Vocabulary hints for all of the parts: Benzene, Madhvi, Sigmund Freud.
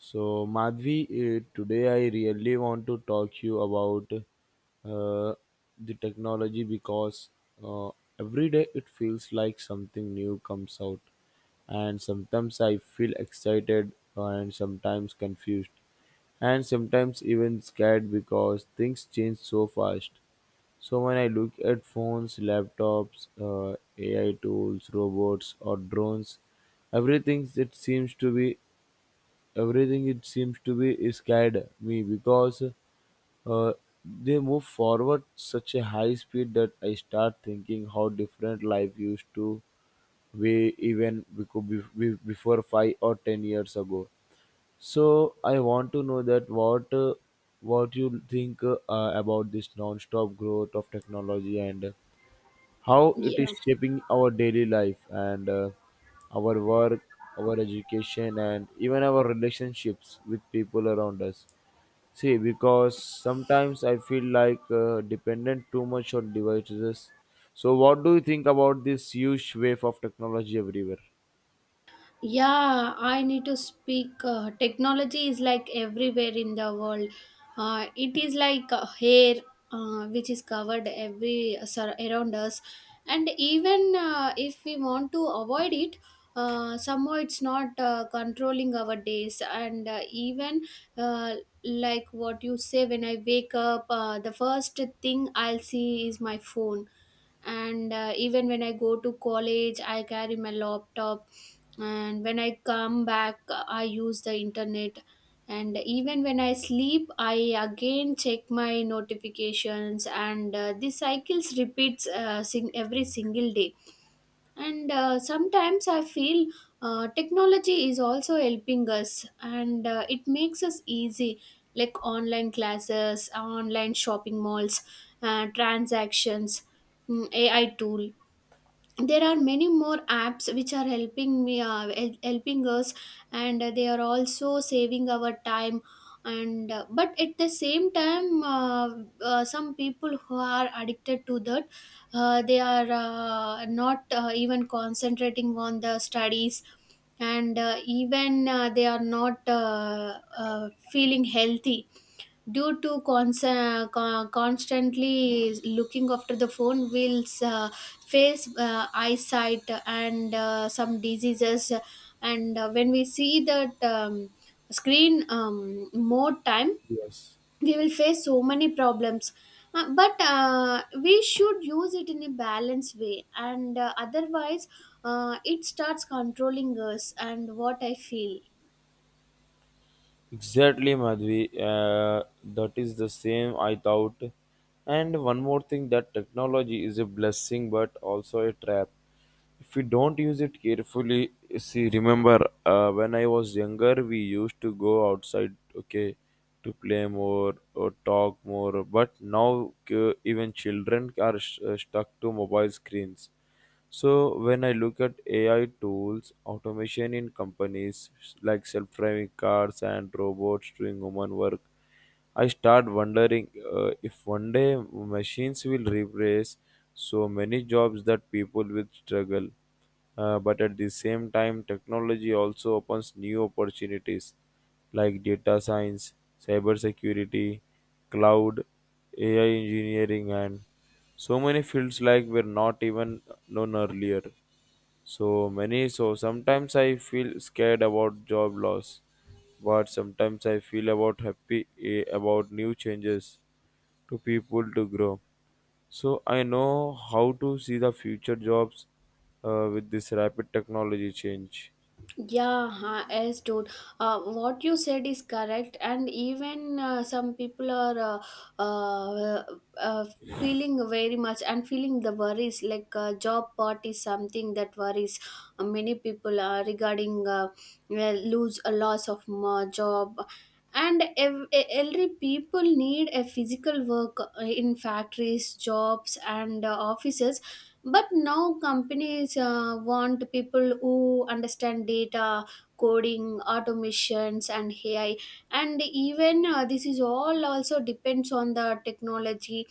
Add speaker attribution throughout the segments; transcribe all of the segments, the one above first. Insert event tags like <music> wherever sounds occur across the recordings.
Speaker 1: So, Madhvi, today I really want to talk you about uh, the technology because uh, every day it feels like something new comes out, and sometimes I feel excited and sometimes confused, and sometimes even scared because things change so fast. So, when I look at phones, laptops, AI tools, robots, or drones, everything that seems to be everything it seems to be scared me because uh, they move forward such a high speed that I start thinking how different life used to be even before 5 or 10 years ago. So I want to know that what you think about this non-stop growth of technology and how it is
Speaker 2: Yeah.
Speaker 1: shaping our daily life and our work, our education, and even our relationships with people around us. See, because sometimes I feel like dependent too much on devices. So, what do you think about this huge wave of technology everywhere?
Speaker 2: Yeah, I need to speak. Technology is like everywhere in the world. It is like hair, which is covered every around us. And even if we want to avoid it, somehow it's not controlling our days. And even uh, like what you say, when I wake up, the first thing I'll see is my phone, and even when I go to college I carry my laptop, and when I come back I use the internet, and even when I sleep I again check my notifications. And This cycles repeats every single day. And sometimes I feel technology is also helping us, and it makes us easy, like online classes, online shopping malls, transactions, AI tool. There are many more apps which are helping us, and they are also saving our time. And uh, but at the same time, some people who are addicted to that, they are not even concentrating on the studies. And even they are not feeling healthy due to constantly looking after the phone, will face eyesight and some diseases. And when we see that screen more time,
Speaker 1: Yes.
Speaker 2: we will face so many problems. But we should use it in a balanced way, and otherwise it starts controlling us, and what I feel.
Speaker 1: Exactly, Madhvi. That is the same I thought. And one more thing that technology is a blessing but also a trap. If we don't use it carefully, see, remember when I was younger, we used to go outside, okay, to play more or talk more. But now, even children are stuck to mobile screens, so when I look at AI tools, automation in companies like self-driving cars and robots doing human work, I start wondering if one day machines will replace so many jobs that people will struggle. But at the same time, technology also opens new opportunities like data science, cybersecurity, cloud, AI engineering, and so many fields like were not even known earlier. So many, so sometimes I feel scared about job loss, but sometimes I feel about happy about new changes to people to grow. So I know how to see the future jobs with this rapid technology change.
Speaker 2: Yeah, huh, yes, dude. What you said is correct, and even some people are uh, uh, feeling very much and feeling the worries. Like job part is something that worries many people, regarding lose a loss of job. And elderly people need a physical work in factories, jobs, and offices, but now companies want people who understand data, coding, automations, and AI. And even this is all also depends on the technology.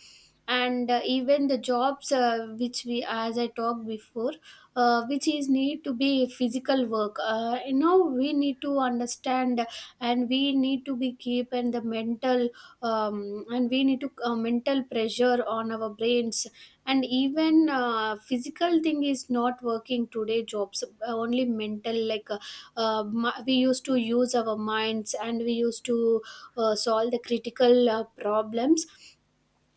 Speaker 2: And even the jobs, which we, as I talked before, which is need to be physical work. Now we need to understand, and we need to be keep and the mental, and we need to mental pressure on our brains. And even physical thing is not working today jobs, only mental, like we used to use our minds, and we used to solve the critical problems.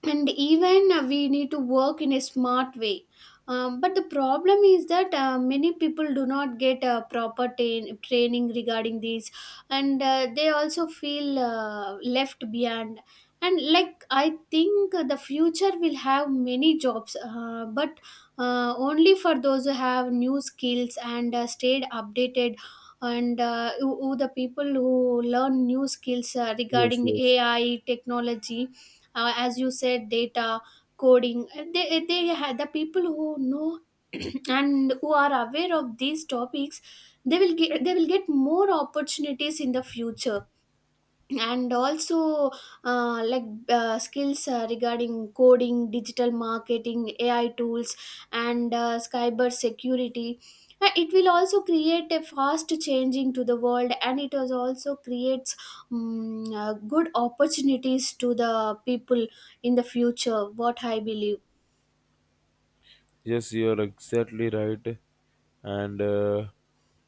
Speaker 2: And even we need to work in a smart way. But the problem is that many people do not get proper training regarding these, and they also feel left behind. And like I think the future will have many jobs, but only for those who have new skills and stayed updated, and who the people who learn new skills
Speaker 1: Yes,
Speaker 2: regarding
Speaker 1: yes.
Speaker 2: AI technology, as you said, data, coding. They had the people who know <clears throat> and who are aware of these topics. They will get more opportunities in the future. And also like skills, regarding coding, digital marketing, AI tools, and cyber security. It will also create a fast changing to the world, and it is also creates good opportunities to the people in the future, what I believe.
Speaker 1: Yes, you're exactly right. And uh,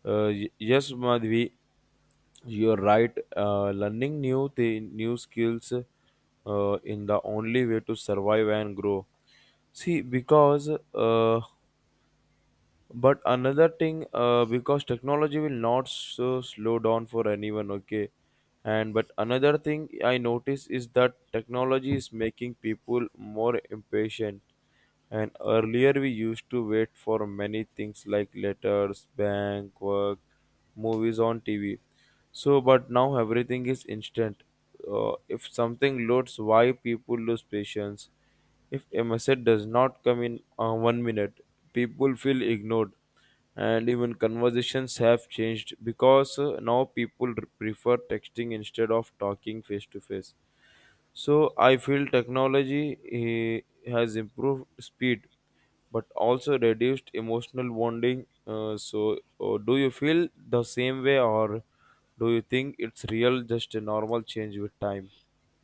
Speaker 1: uh, y- yes, Madhvi, you're right. Learning new skills in the only way to survive and grow. See, because uh, but another thing because technology will not so slow down for anyone, okay, and but another thing I notice is that technology is making people more impatient, and earlier we used to wait for many things like letters, bank work, movies on TV. So but now everything is instant. Uh, if something loads, why people lose patience? If a message does not come in 1 minute, people feel ignored, and even conversations have changed because now people prefer texting instead of talking face to face. So I feel technology has improved speed but also reduced emotional bonding. So, do you feel the same way, or do you think it's real, just a normal change with time?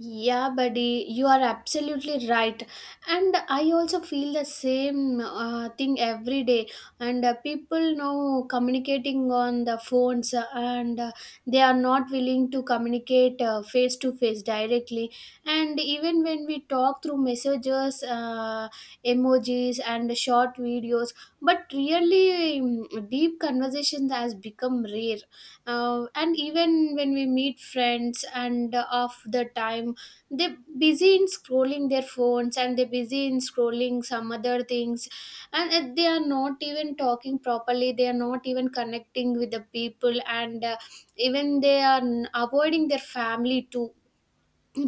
Speaker 2: Yeah, buddy, you are absolutely right. And I also feel the same thing every day. And people now communicating on the phones, and they are not willing to communicate face to face directly. And even when we talk through messages, emojis, and short videos, but really deep conversations has become rare. And even when we meet friends, and half the time they busy in scrolling their phones, and they busy in scrolling some other things, and they are not even talking properly, they are not even connecting with the people. And even they are avoiding their family too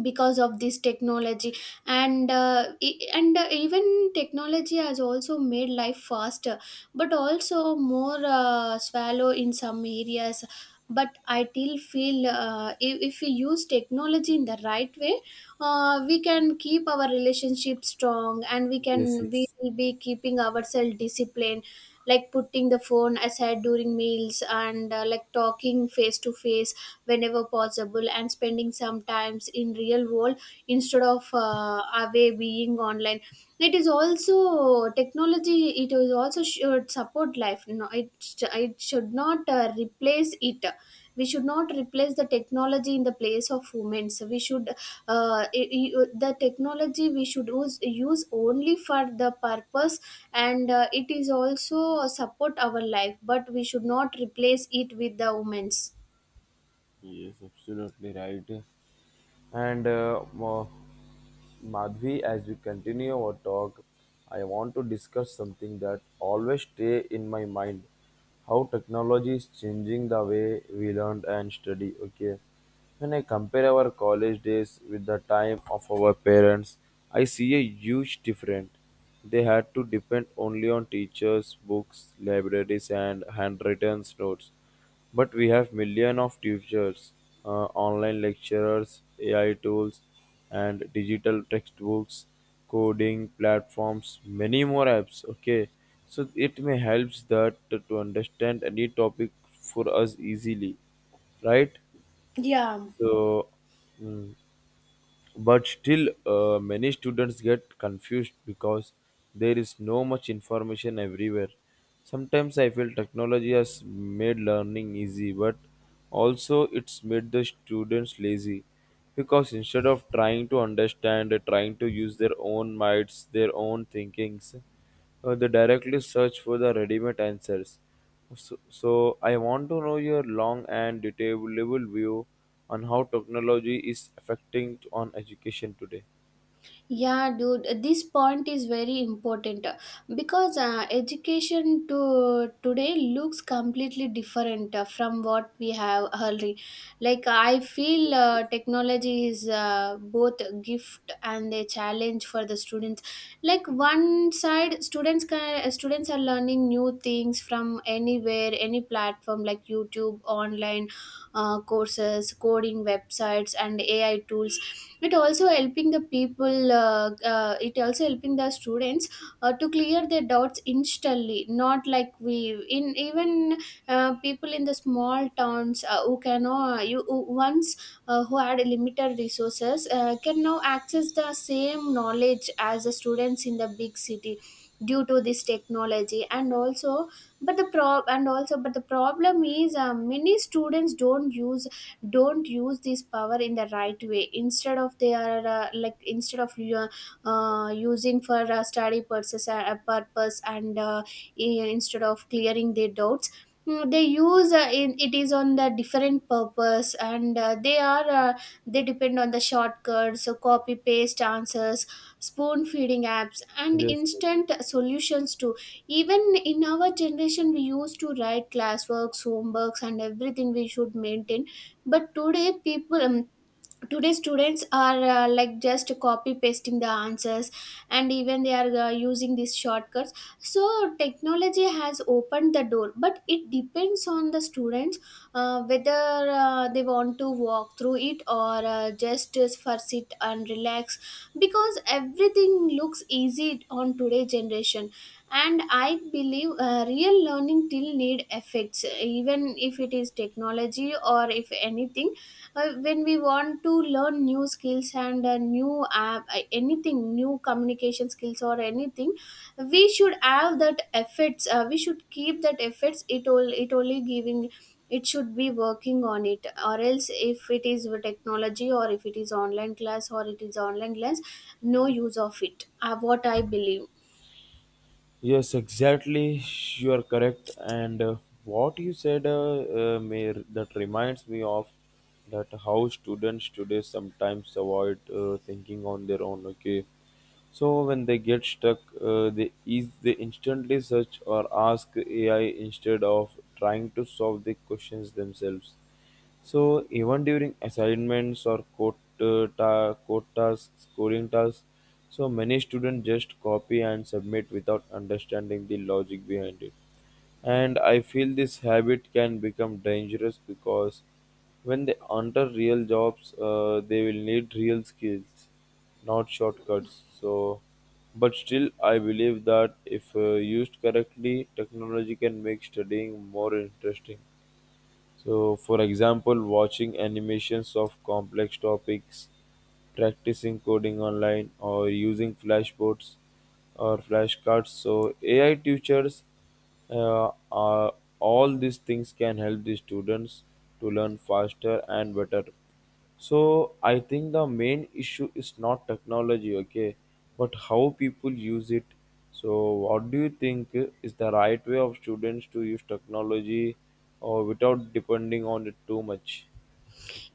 Speaker 2: because of this technology. And even technology has also made life faster, but also more swallow in some areas. But I still feel if we use technology in the right way, we can keep our relationship strong, and we
Speaker 1: Yes,
Speaker 2: can, we
Speaker 1: yes.
Speaker 2: will be keeping ourselves disciplined, like putting the phone aside during meals, and like talking face to face whenever possible, and spending some times in real world instead of away being online. It is also technology, it is also should support life, no, it should not replace it. We should not replace the technology in the place of women, so we should the technology we should use only for the purpose. And it is also support our life, but we should not replace it with the women's.
Speaker 1: Yes, absolutely right. And Madhvi, as we continue our talk, I want to discuss something that always stay in my mind: how technology is changing the way we learn and study. Okay, when I compare our college days with the time of our parents, I see a huge difference. They had to depend only on teachers, books, libraries, and handwritten notes, but we have millions of tutors, online lecturers, AI tools, and digital textbooks, coding platforms, many more apps. Okay, so it may helps that to understand any topic for us easily, right? So, mm but still many students get confused because there is no much information everywhere. Sometimes I feel technology has made learning easy but also it's made the students lazy, because instead of trying to understand they're trying to use their own minds, their own thinkings, they directly search for the ready-made answers. So, so I want to know your long and detailable view on how technology is affecting on education today.
Speaker 2: Yeah, dude, this point is very important, because education to today looks completely different from what we have early. Like I feel technology is both a gift and a challenge for the students. Like one side, students are learning new things from anywhere, any platform like YouTube, online courses, coding websites, and AI tools. It also helping the students to clear their doubts instantly, not like we in even people in the small towns, who can you who once who had limited resources can now access the same knowledge as the students in the big city due to this technology. And also but the problem is many students don't use this power in the right way, instead of they are like instead of you using for study purpose. And instead of clearing their doubts, they use it is on the different purpose. And they are they depend on the shortcuts, so copy paste answers, spoon feeding apps, and
Speaker 1: Yes, yes.
Speaker 2: instant solutions too. Even in our generation we used to write classworks, homeworks, and everything we should maintain, but today people, today students are like just copy pasting the answers, and even they are using these shortcuts. So technology has opened the door, but it depends on the students, whether they want to walk through it or just for sit and relax, because everything looks easy on today generation. And I believe real learning till need effects, even if it is technology or if anything. When we want to learn new skills and a new app, anything new, communication skills or anything, we should have that efforts, we should keep that efforts, it all, it only giving, it should be working on it, or else if it is with technology or if it is online class no use of it, what I believe.
Speaker 1: Yes, exactly. You are correct. And what you said may, that reminds me of that how students today sometimes avoid thinking on their own. Okay, so when they get stuck, they instantly search or ask AI instead of trying to solve the questions themselves. So even during assignments or code tasks, coding tasks, so many students just copy and submit without understanding the logic behind it. And I feel this habit can become dangerous because when they enter real jobs, they will need real skills, not shortcuts. So, but still, I believe that if used correctly, technology can make studying more interesting. So, for example, watching animations of complex topics, practicing coding online, or using flashboards or flashcards. So, AI teachers are all these things can help the students to learn faster and better. So I think the main issue is not technology, okay, but how people use it. So what do you think is the right way of students to use technology or without depending on it too much?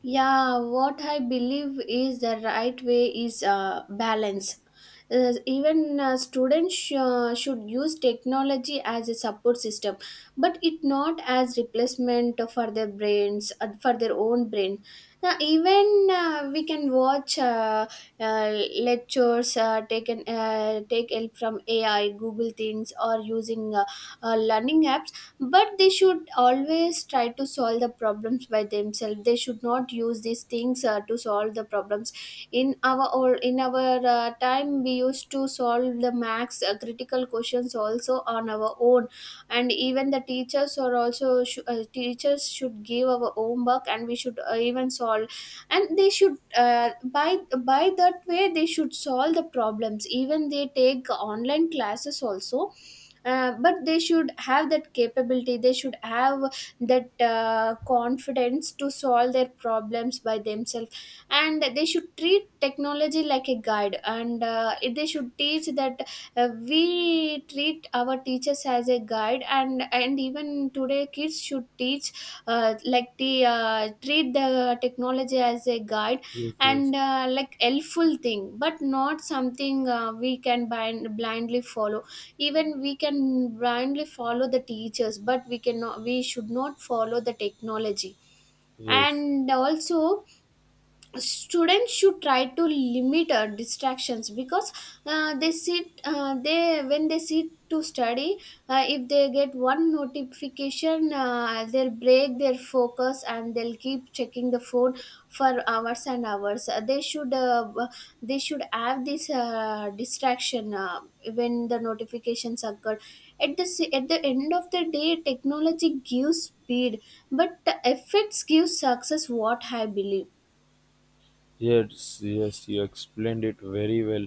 Speaker 2: Yeah, what I believe is the right way is balance. Even students should use technology as a support system, but it not as replacement for their brains, for their own brain. Now, even we can watch lectures, take help from AI, Google things, or using learning apps, but they should always try to solve the problems by themselves, they should not use these things to solve the problems. In our time, we used to solve the max critical questions also on our own. And even the teachers, or also teachers should give our homework, and we should even solve. And they should by that way they should solve the problems, even they take online classes also. But they should have that capability, they should have that confidence to solve their problems by themselves. And they should treat technology like a guide, and they should teach that we treat our teachers as a guide. And even today kids should teach like the treat the technology as a guide,
Speaker 1: Yes, yes,
Speaker 2: and like helpful thing, but not something we can blindly follow. Even we can blindly follow the teachers, but we cannot, we should not follow the technology.
Speaker 1: yes.
Speaker 2: And also students should try to limit distractions, because they when they sit to study, if they get one notification, they'll break their focus, and they'll keep checking the phone for hours and hours. They should have this distraction when the notifications occur. At the end of the day, technology gives speed, but the effects give success, what I believe.
Speaker 1: Yes, yes, you explained it very well.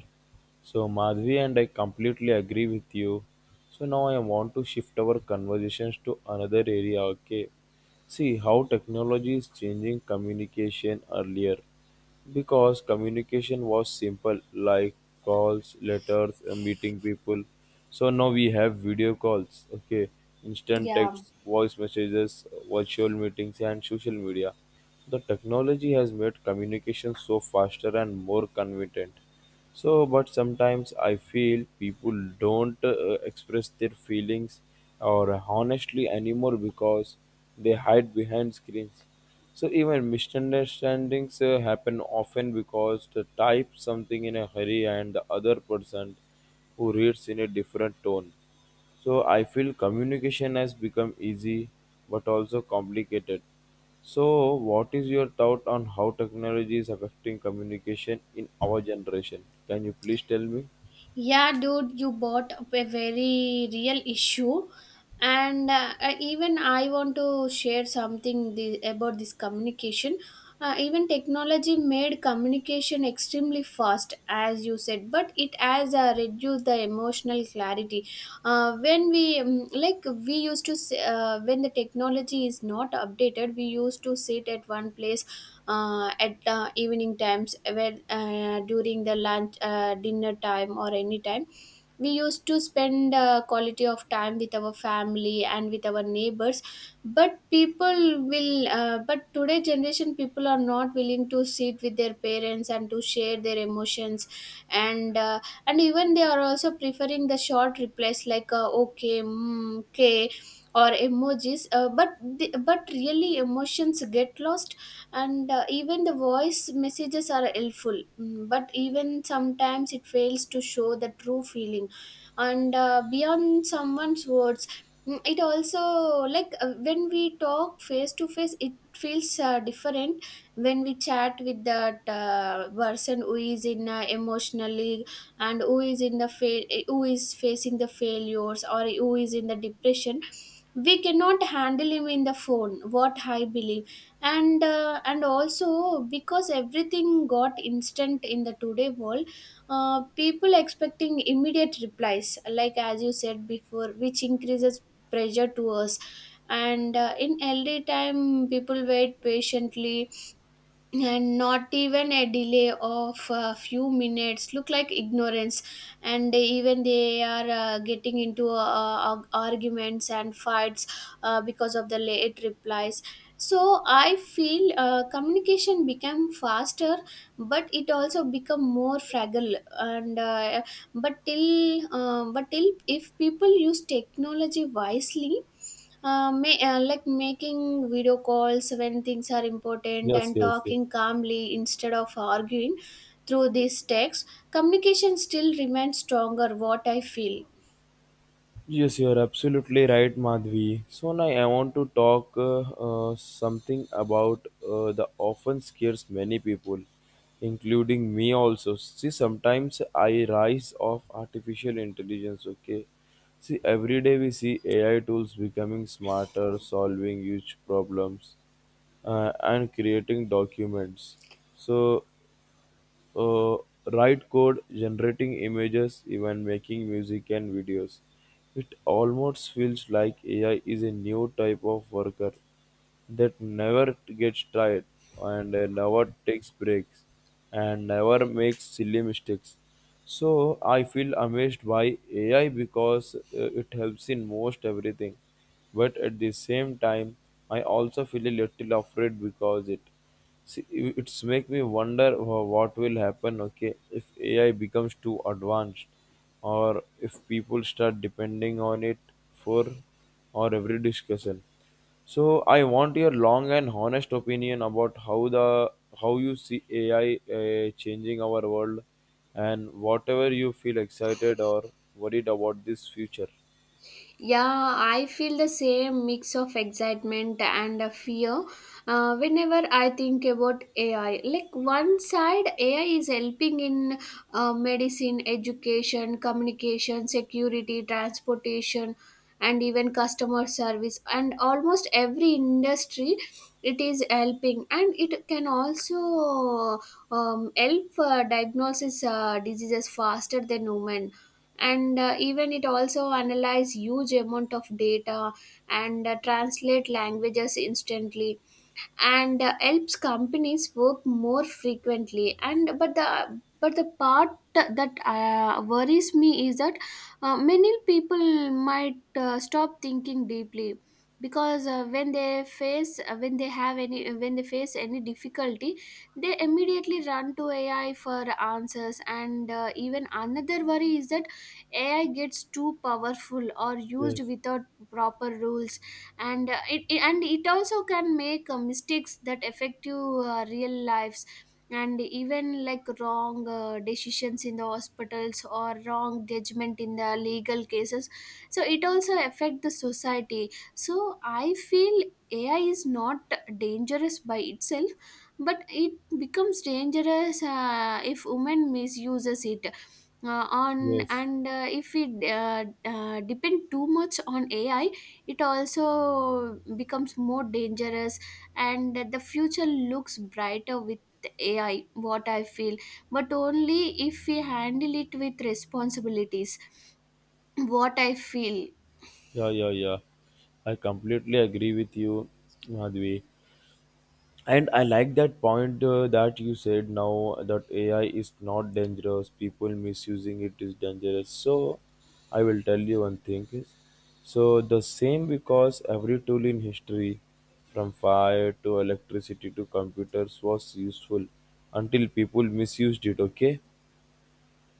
Speaker 1: So, Madhvi, and I completely agree with you. So, now I want to shift our conversations to another area, okay? See how technology is changing communication earlier. Because communication was simple, like calls, letters, and meeting people. So, now we have video calls, okay? Instant
Speaker 2: Yeah,
Speaker 1: texts, voice messages, virtual meetings, and social media. The technology has made communication so faster and more convenient. So, but sometimes I feel people don't express their feelings or honestly anymore because they hide behind screens. So even misunderstandings happen often because they type something in a hurry and the other person who reads in a different tone. So I feel communication has become easy but also complicated. So what is your thought on how technology is affecting communication in our generation? Can you please tell me?
Speaker 2: yeah, dude, you bought up a very real issue, and even I want to share something about this communication. Even technology made communication extremely fast, as you said, but it has reduced the emotional clarity. When we when the technology is not updated, we used to sit at one place at the evening times, where during the lunch, dinner time or any time we used to spend quality of time with our family and with our neighbors, but today generation people are not willing to sit with their parents and to share their emotions. And uh, and even they are also preferring the short replies, like okay, okay, or emojis. But really emotions get lost, and even the voice messages are helpful. But even sometimes it fails to show the true feeling and beyond someone's words. It also, like when we talk face to face, it feels different when we chat with that person who is in emotionally, and who is in the fail who is facing the failures, or who is in the depression. We cannot handle him in the phone, what I believe. And also, because everything got instant in the today world, people expecting immediate replies, like as you said before, which increases pressure to us. And in elderly time people wait patiently, and not even a delay of a few minutes look like ignorance. And even they are getting into arguments and fights because of the late replies. So I feel communication became faster, but it also become more fragile, and but till if people use technology wisely, like making video calls when things are important
Speaker 1: Yes,
Speaker 2: and
Speaker 1: yes, yes.
Speaker 2: talking calmly instead of arguing through this text, communication still remains stronger, what I feel.
Speaker 1: Yes, you're absolutely right, Madhvi. So now I want to talk something about the often scares many people, including me also. See, sometimes I rise of artificial intelligence. Okay, see, every day we see AI tools becoming smarter, solving huge problems, and creating documents. So uh, write code, generating images, even making music and videos. It almost feels like AI is a new type of worker that never gets tired and never takes breaks and never makes silly mistakes. So I feel amazed by AI because it helps in most everything. But at the same time, I also feel a little afraid because it. See, it's make me wonder what will happen, okay, if AI becomes too advanced, or if people start depending on it for or every discussion. So I want your long and honest opinion about how you see AI changing our world, and whatever you feel excited or worried about this future.
Speaker 2: Yeah, I feel the same mix of excitement and fear whenever I think about AI. Like, one side, AI is helping in medicine, education, communication, security, transportation, and even customer service, and almost every industry it is helping, and it can also help diagnosis diseases faster than human, and even it also analyze huge amount of data, and translate languages instantly, and helps companies work more frequently. And but the but the part that worries me is that many people might stop thinking deeply, because when they face any difficulty, they immediately run to AI for answers. And even another worry is that AI gets too powerful or used
Speaker 1: Yes,
Speaker 2: without proper rules, and it also can make mistakes that affect you real lives, and even like wrong decisions in the hospitals, or wrong judgment in the legal cases, so it also affect the society. So I feel AI is not dangerous by itself, but it becomes dangerous if women misuses it, on
Speaker 1: yes,
Speaker 2: and if we depend too much on AI, it also becomes more dangerous. And that the future looks brighter with AI, what I feel, but only if we handle it with responsibilities, what I feel.
Speaker 1: yeah, yeah, yeah. I completely agree with you, Madhvi. And I like that point that you said now that AI is not dangerous, people misusing it is dangerous. So I will tell you one thing is so the same, because every tool in history, from fire to electricity to computers, was useful until people misused it, okay?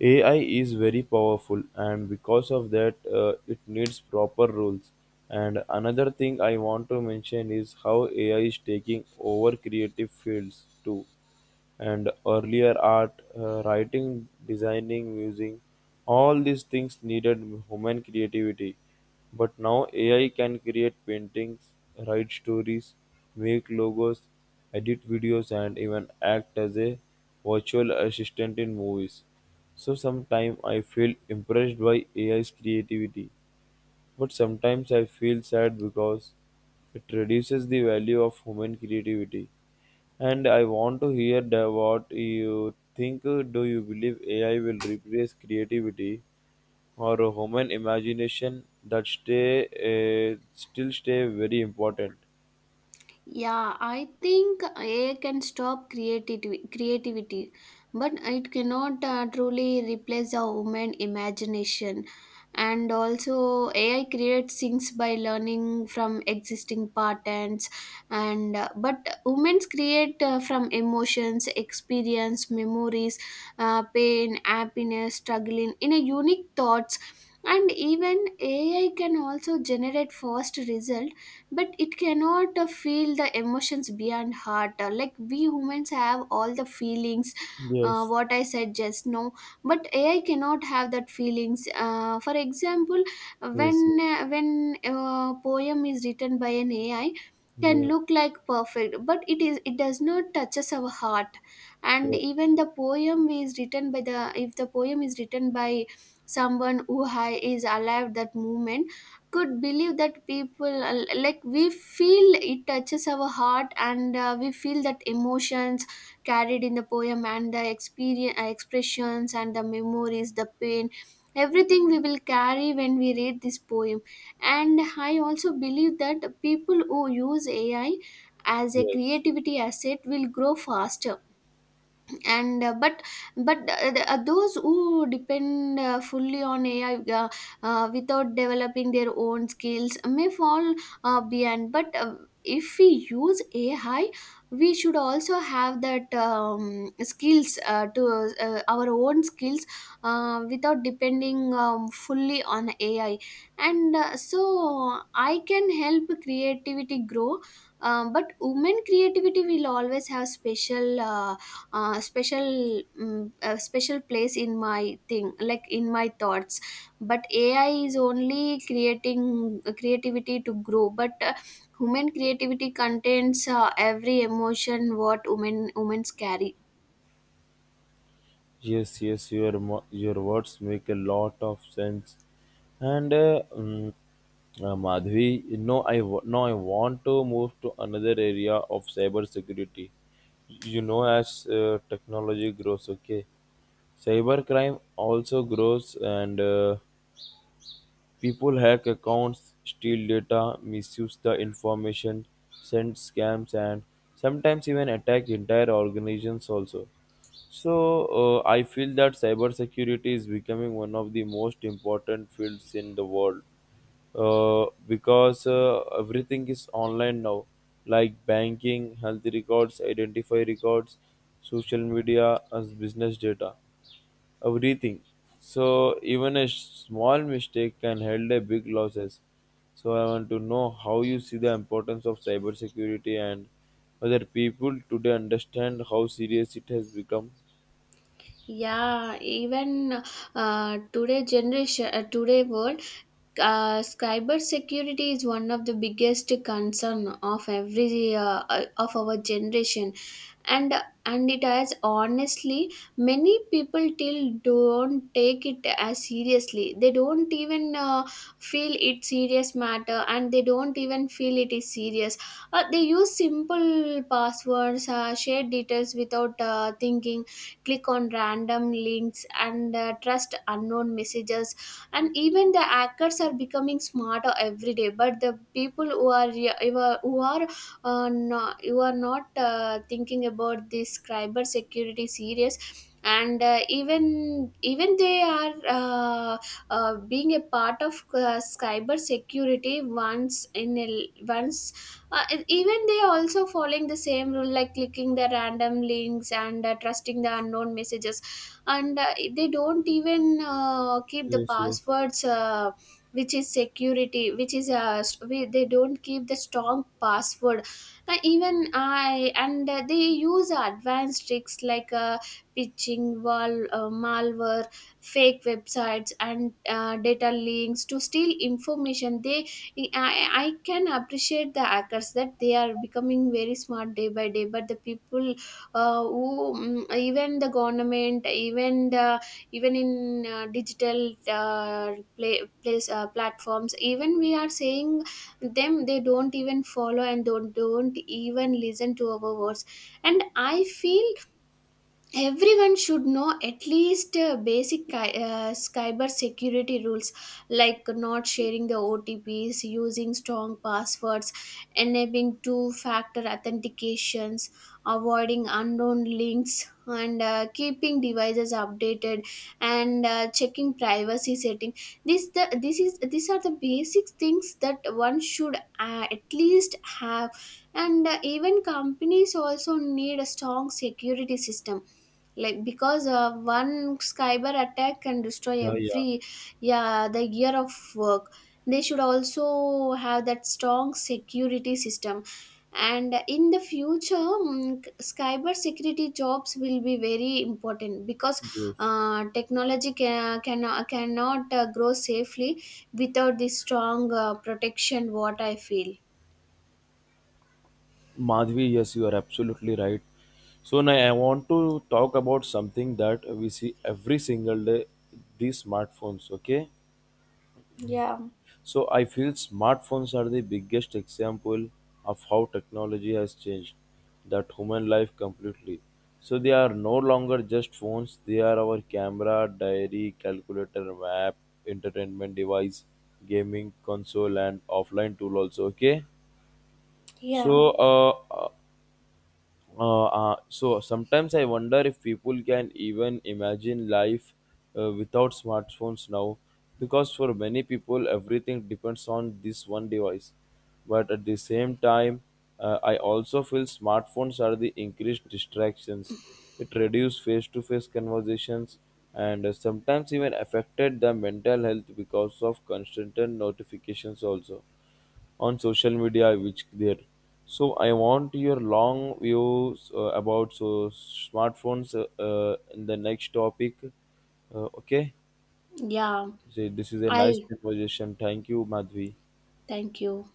Speaker 1: AI is very powerful, and because of that, it needs proper rules. And another thing I want to mention is how AI is taking over creative fields too. And earlier art, writing, designing, music, all these things needed human creativity. But now AI can create paintings, write stories, make logos, edit videos, and even act as a virtual assistant in movies. So sometimes I feel impressed by AI's creativity, but sometimes I feel sad because it reduces the value of human creativity. And I want to hear the, what you think. Do you believe AI will replace creativity or human imagination that stay still stay very important?
Speaker 2: Yeah, I think AI can stop creativity, but it cannot truly replace the human imagination. And also, AI creates things by learning from existing patterns, and but humans create from emotions, experience, memories, pain, happiness, struggling in a unique thoughts. And even AI can also generate fast result, but it cannot feel the emotions beyond heart. Like we humans have all the feelings
Speaker 1: Yes,
Speaker 2: what I said just now, but AI cannot have that feelings, for example, when
Speaker 1: yes, yes,
Speaker 2: when a poem is written by an AI can
Speaker 1: yeah,
Speaker 2: look like perfect, but it does not touches our heart. And
Speaker 1: yeah,
Speaker 2: even the poem is written by the if the poem is written by someone who is alive that moment, could believe that people, like we feel it touches our heart, and we feel that emotions carried in the poem and the experience, expressions and the memories, the pain, everything we will carry when we read this poem. And I also believe that people who use AI as a
Speaker 1: yes.
Speaker 2: creativity asset will grow faster, and but th- those who depend fully on AI, uh, without developing their own skills, may fall behind, but if we use AI, we should also have that skills, to our own skills, without depending fully on AI. And so I can help creativity grow, but women creativity will always have special, a special place in my thing like in my thoughts. But AI is only creating creativity to grow, but human creativity contains every emotion, what women carry.
Speaker 1: Yes, yes, your words make a lot of sense, and Madhvi, you know, now I want to move to another area of cybersecurity. You know, as technology grows, okay, cybercrime also grows, and people hack accounts, steal data, misuse the information, send scams, and sometimes even attack entire organizations also. So, I feel that cybersecurity is becoming one of the most important fields in the world because everything is online now, like banking, health records, identify records, social media, as business data everything. So even a small mistake can held a big losses. So I want to know how you see the importance of cybersecurity and whether people today understand how serious it has become.
Speaker 2: Yeah, even today generation, today world, cyber security is one of the biggest concern of every of our generation. And and it has honestly, many people till don't take it as seriously. They don't even feel it serious matter, and they don't even feel it is serious. They use simple passwords, share details without thinking, click on random links, and trust unknown messages. And even the hackers are becoming smarter every day, but the people who are no, you are not thinking about this cyber security serious. And even they are being a part of cyber security once in a, l- once, and even they also following the same rule, like clicking the random links, and trusting the unknown messages. And they don't even keep the
Speaker 1: Yes, yes.
Speaker 2: passwords, which is security, which is, they don't keep the strong password, even I and they use advanced tricks, like pitching, wall, malware, fake websites, and data links to steal information. I can appreciate the hackers, that they are becoming very smart day by day. But the people, who, even the government, even in digital, place, platforms, even we are saying them, they don't even follow, and don't even listen to our words. And I feel everyone should know at least basic cyber security rules, like not sharing the OTPs, using strong passwords, enabling two factor authentications, avoiding unknown links, and keeping devices updated, and checking privacy setting. This the this is these are the basic things that one should at least have. And even companies also need a strong security system, like because one cyber attack can destroy
Speaker 1: Yeah, yeah.
Speaker 2: every, yeah, the year of work. They should also have that strong security system. And in the future, mm, cyber security jobs will be very important, because
Speaker 1: Yes.
Speaker 2: technology cannot grow safely without this strong protection, what I feel.
Speaker 1: Madhvi, yes, you are absolutely right. So now I want to talk about something that we see every single day, these smartphones, okay?
Speaker 2: Yeah,
Speaker 1: So I feel smartphones are the biggest example of how technology has changed that human life completely. So they are no longer just phones, they are our camera, diary, calculator, map, entertainment device, gaming console and offline tool also, okay?
Speaker 2: yeah.
Speaker 1: So so sometimes I wonder if people can even imagine life without smartphones now, because for many people everything depends on this one device. But at the same time, I also feel smartphones are the increased distractions. It reduced face-to-face conversations and sometimes even affected the mental health because of constant notifications also on social media which there. So I want your long views about so smartphones in the next topic, okay.
Speaker 2: Yeah,
Speaker 1: So this is a nice
Speaker 2: I'll
Speaker 1: conversation, thank you, Madhvi.
Speaker 2: thank you.